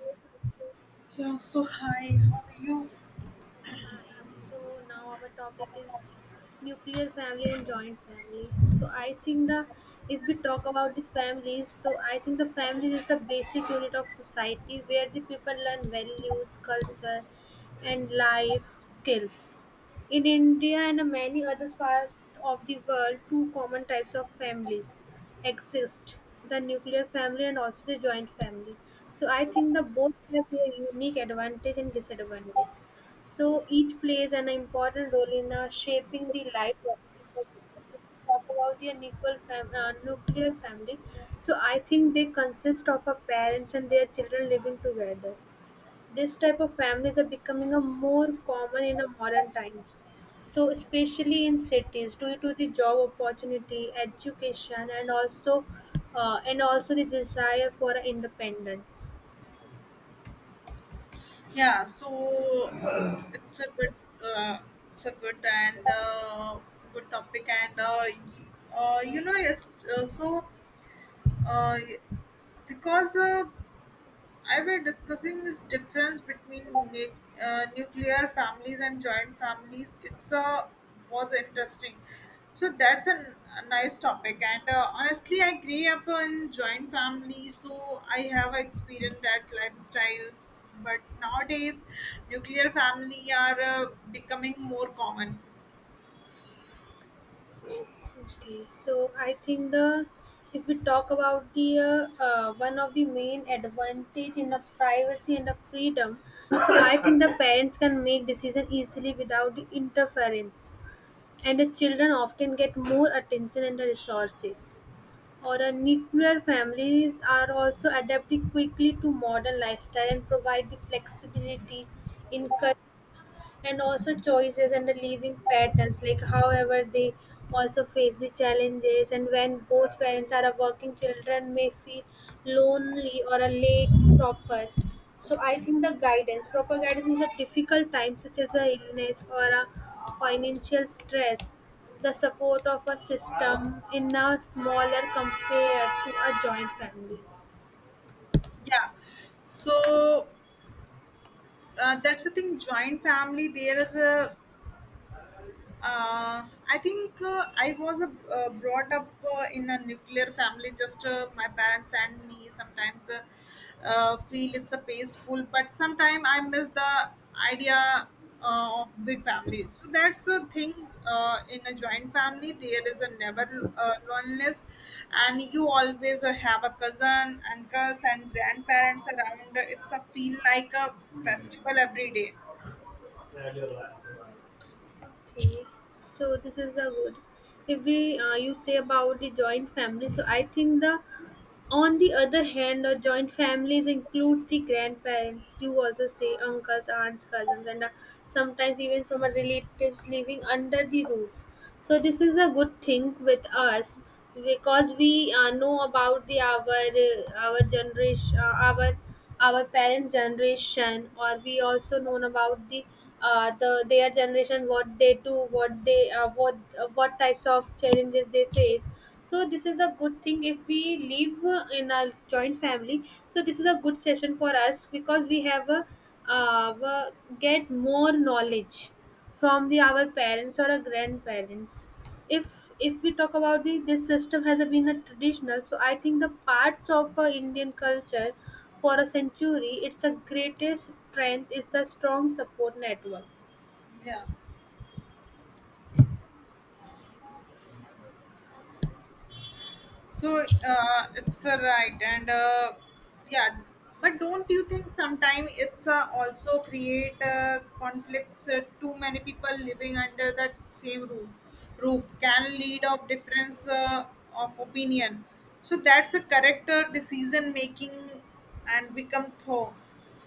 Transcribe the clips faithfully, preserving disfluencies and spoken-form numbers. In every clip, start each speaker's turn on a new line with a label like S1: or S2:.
S1: Oh,
S2: Yeah, so hi, how are you?
S1: fine. So now our topic is nuclear family and joint family. So I think the If we talk about the families, so I think the family is the basic unit of society where the people learn values, culture, and life skills. In India and many other parts of the world, two common types of families exist the nuclear family and also the joint family. So, I think the both have their unique advantage and disadvantage. So, each plays an important role in uh, shaping the life of people. If we talk about the nuclear, fam- uh, nuclear family, so I think they consist of a parents and their children living together. This type of families are becoming a more common in a modern times, so especially in cities due to the job opportunity education and also uh, and also the desire for independence.
S2: Yeah, so it's a good, uh, it's a good and uh, good topic, and uh, y- uh, you know, yes, uh, so uh, because uh, I were discussing this difference between nu- uh, nuclear families and joint families. It's a was interesting. So that's a, n- a nice topic. And uh, honestly, I grew up in joint family, so I have experienced that lifestyles. But nowadays, nuclear family are uh, becoming more common.
S1: Okay, so I think the if we talk about the uh, uh, one of the main advantage in the privacy and the freedom. So I think the parents can make decision easily without the interference, and the children often get more attention and the resources. Or a nuclear families are also adapting quickly to modern lifestyle and provide the flexibility in. By and also choices and the living patterns like however they also face the challenges, and when both parents are a working children may feel lonely or a late proper. So I think the guidance proper guidance is a difficult time such as a illness or a financial stress. The support of a system in a smaller compared to a joint family.
S2: Yeah. So uh, that's the thing. Joint family. There is a uh, I think uh, I was uh, uh, brought up uh, in a nuclear family. Just uh, my parents and me sometimes uh, uh, feel it's a peaceful, but sometimes I miss the idea uh, of big family. So that's a thing uh, in a joint family. There is a never uh, loneliness, and you always uh, have a cousin, uncles, and grandparents around. It's a feel like a festival every day.
S1: Okay, so this is a good. If we uh, you say about the joint family, so I think the on the other hand, uh, joint families include the grandparents. You also say uncles, aunts, cousins, and uh, sometimes even from our relatives living under the roof. So this is a good thing with us because we uh, know about the our uh, our generation uh, our our parent generation, or we also known about the uh, the their generation, what they do, what they uh, what uh, what types of challenges they face. So this is a good thing if we live uh, in a joint family. So this is a good session for us because we have a, uh, uh, get more knowledge from the our parents or our grandparents. if if we talk about the this system has been a traditional, so I think the parts of uh, Indian culture for a century its a greatest strength is the strong support network.
S2: Yeah. So uh, it's a right, and uh, yeah, but don't you think sometimes it's uh, also create uh, conflicts? Uh, too many people living under that same roof roof can lead of difference uh, of opinion. So that's a correct uh, decision making and become thought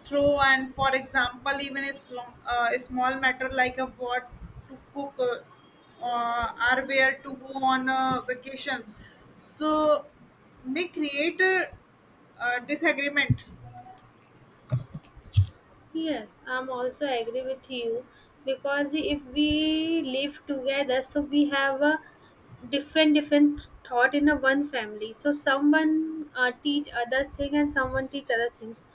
S2: through and for example even a, sl- uh, a small matter like a what to cook uh, uh, or where to go on a vacation so may create a, uh disagreement.
S1: Yes, I'm also agree with you, because if we live together, so we have a different different thought in a one family. So someone uh, teach others thing and someone teach other things.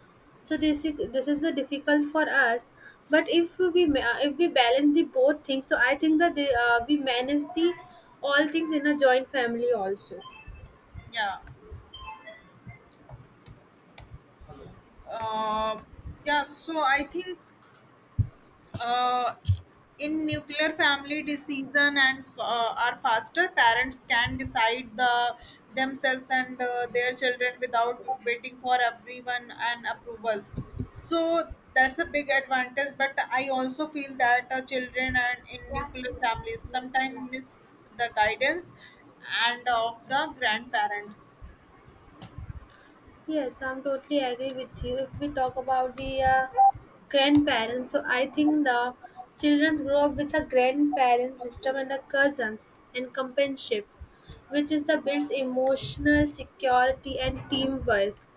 S1: So this is this is the difficult for us. But if we ma- if we balance the both things, so I think that they, uh, we manage the all things in a joint family also.
S2: Yeah. uh, yeah, so I think Uh, in nuclear family decision and uh, are faster parents can decide the themselves and uh, their children without waiting for everyone and approval, so that's a big advantage. But I also feel that uh, children and in nuclear families sometimes miss the guidance and of the grandparents.
S1: Yes, I'm totally agree with you. If we talk about the uh, grandparents, so I think the children grow up with a grandparent system and a cousins and companionship, which is the builds emotional security and teamwork.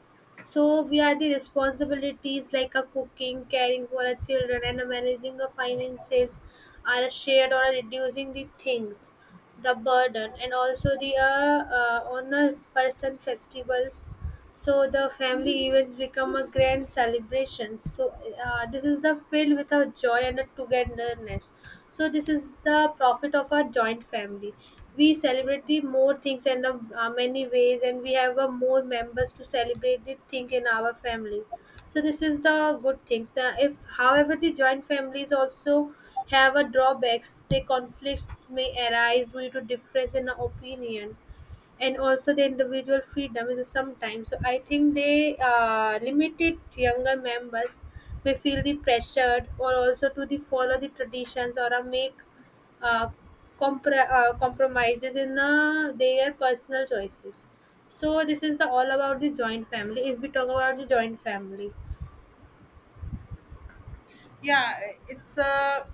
S1: So we are the responsibilities like a cooking, caring for our children, and a managing the finances are a shared or a reducing the things, the burden, and also the uh, uh, on the person festivals. So the family events become a grand celebration. So uh, this is the filled with a joy and a togetherness. So this is the profit of a joint family. We celebrate the more things and of uh, many ways, and we have uh, more members to celebrate the thing in our family. So this is the good things the if however the joint families also have a drawbacks. The conflicts may arise due to difference in opinion, and also the individual freedom is sometimes so I think they uh, limited younger members may feel the pressured or also to the follow the traditions or uh, make uh, compr- uh, compromises in uh, their personal choices. So this is the all about the joint family if we talk about the joint family.
S2: Yeah, it's a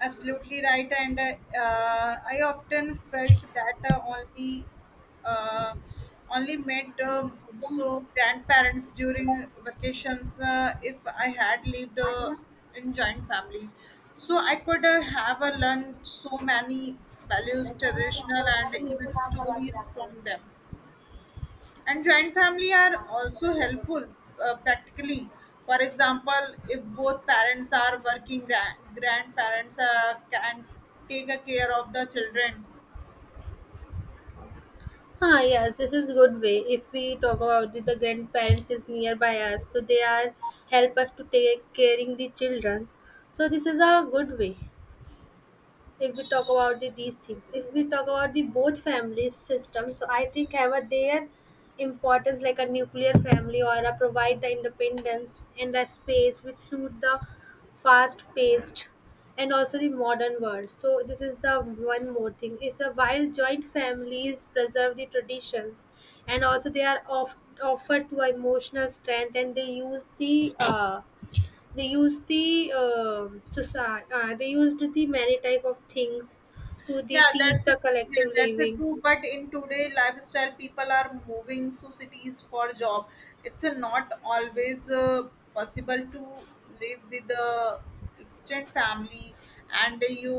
S2: absolutely right, and uh, uh, I often felt that uh, only uh, only met um, so grandparents during vacations. Uh, if I had lived uh, in joint family, so I could uh, have uh, learned so many values traditional and even stories from them. And joint family are also helpful uh, practically. For example, if both parents are working, grand, grandparents are, can take a care of the children.
S1: Ah, yes, this is good way. If we talk about the, the grandparents is nearby us, so they are help us to take caring the children. So this is a good way. If we talk about the, these things if we talk about the both family system, so I think have a their importance like a nuclear family or a provide the independence and a space which suit the fast paced and also the modern world. So this is the one more thing is the while joint families preserve the traditions, and also they are off, offered to emotional strength, and they use the uh, they used the um society, uh, they used the many type of things to the
S2: Yeah,
S1: teach
S2: that's it.
S1: the
S2: Yeah,
S1: collective
S2: that's a
S1: living.
S2: true, but in today lifestyle people are moving to cities for job. It's a not always uh, possible to live with the extended family. And you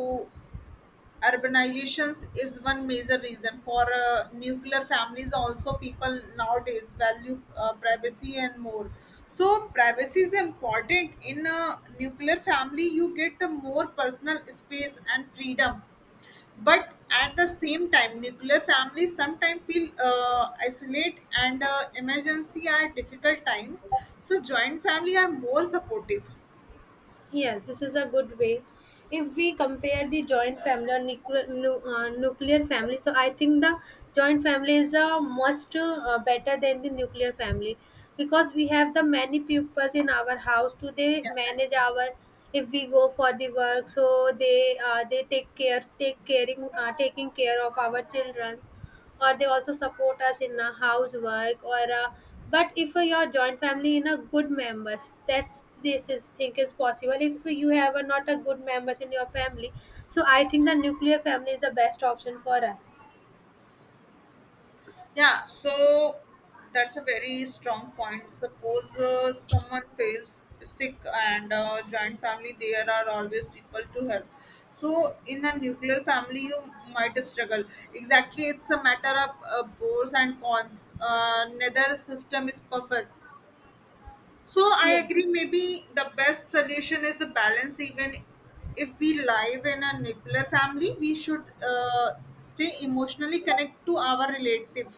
S2: urbanizations is one major reason for uh, nuclear families. Also people nowadays value uh, privacy and more. So privacy is important in a nuclear family. You get the more personal space and freedom, but at the same time nuclear families sometimes feel uh, isolate and uh, emergency are difficult times. So joint family are more supportive.
S1: Yes, this is a good way. If we compare the joint family or nuclear, nu, uh, nuclear family, so I think the joint family is a much uh, better than the nuclear family, because we have the many pupils in our house to they manage our if we go for the work. So they uh, they take care take caring uh, taking care of our children, or they also support us in a housework or uh, but if uh, your joint family in a good members that's this is think is possible if you have a, not a good members in your family. So I think the nuclear family is the best option for us.
S2: Yeah, so that's a very strong point. Suppose uh, someone feels sick and uh, joint family, there are always people to help. So in a nuclear family, you might struggle. Exactly, it's a matter of uh, pros and cons. Uh, neither system is perfect. So I
S1: Yes.
S2: agree. Maybe the best solution is the balance. Even if we live in a nuclear family, we should uh, stay emotionally connected to our relative.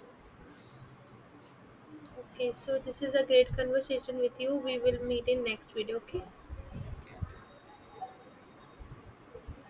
S1: Okay, so this is a great conversation with you. We will meet in next video. Okay.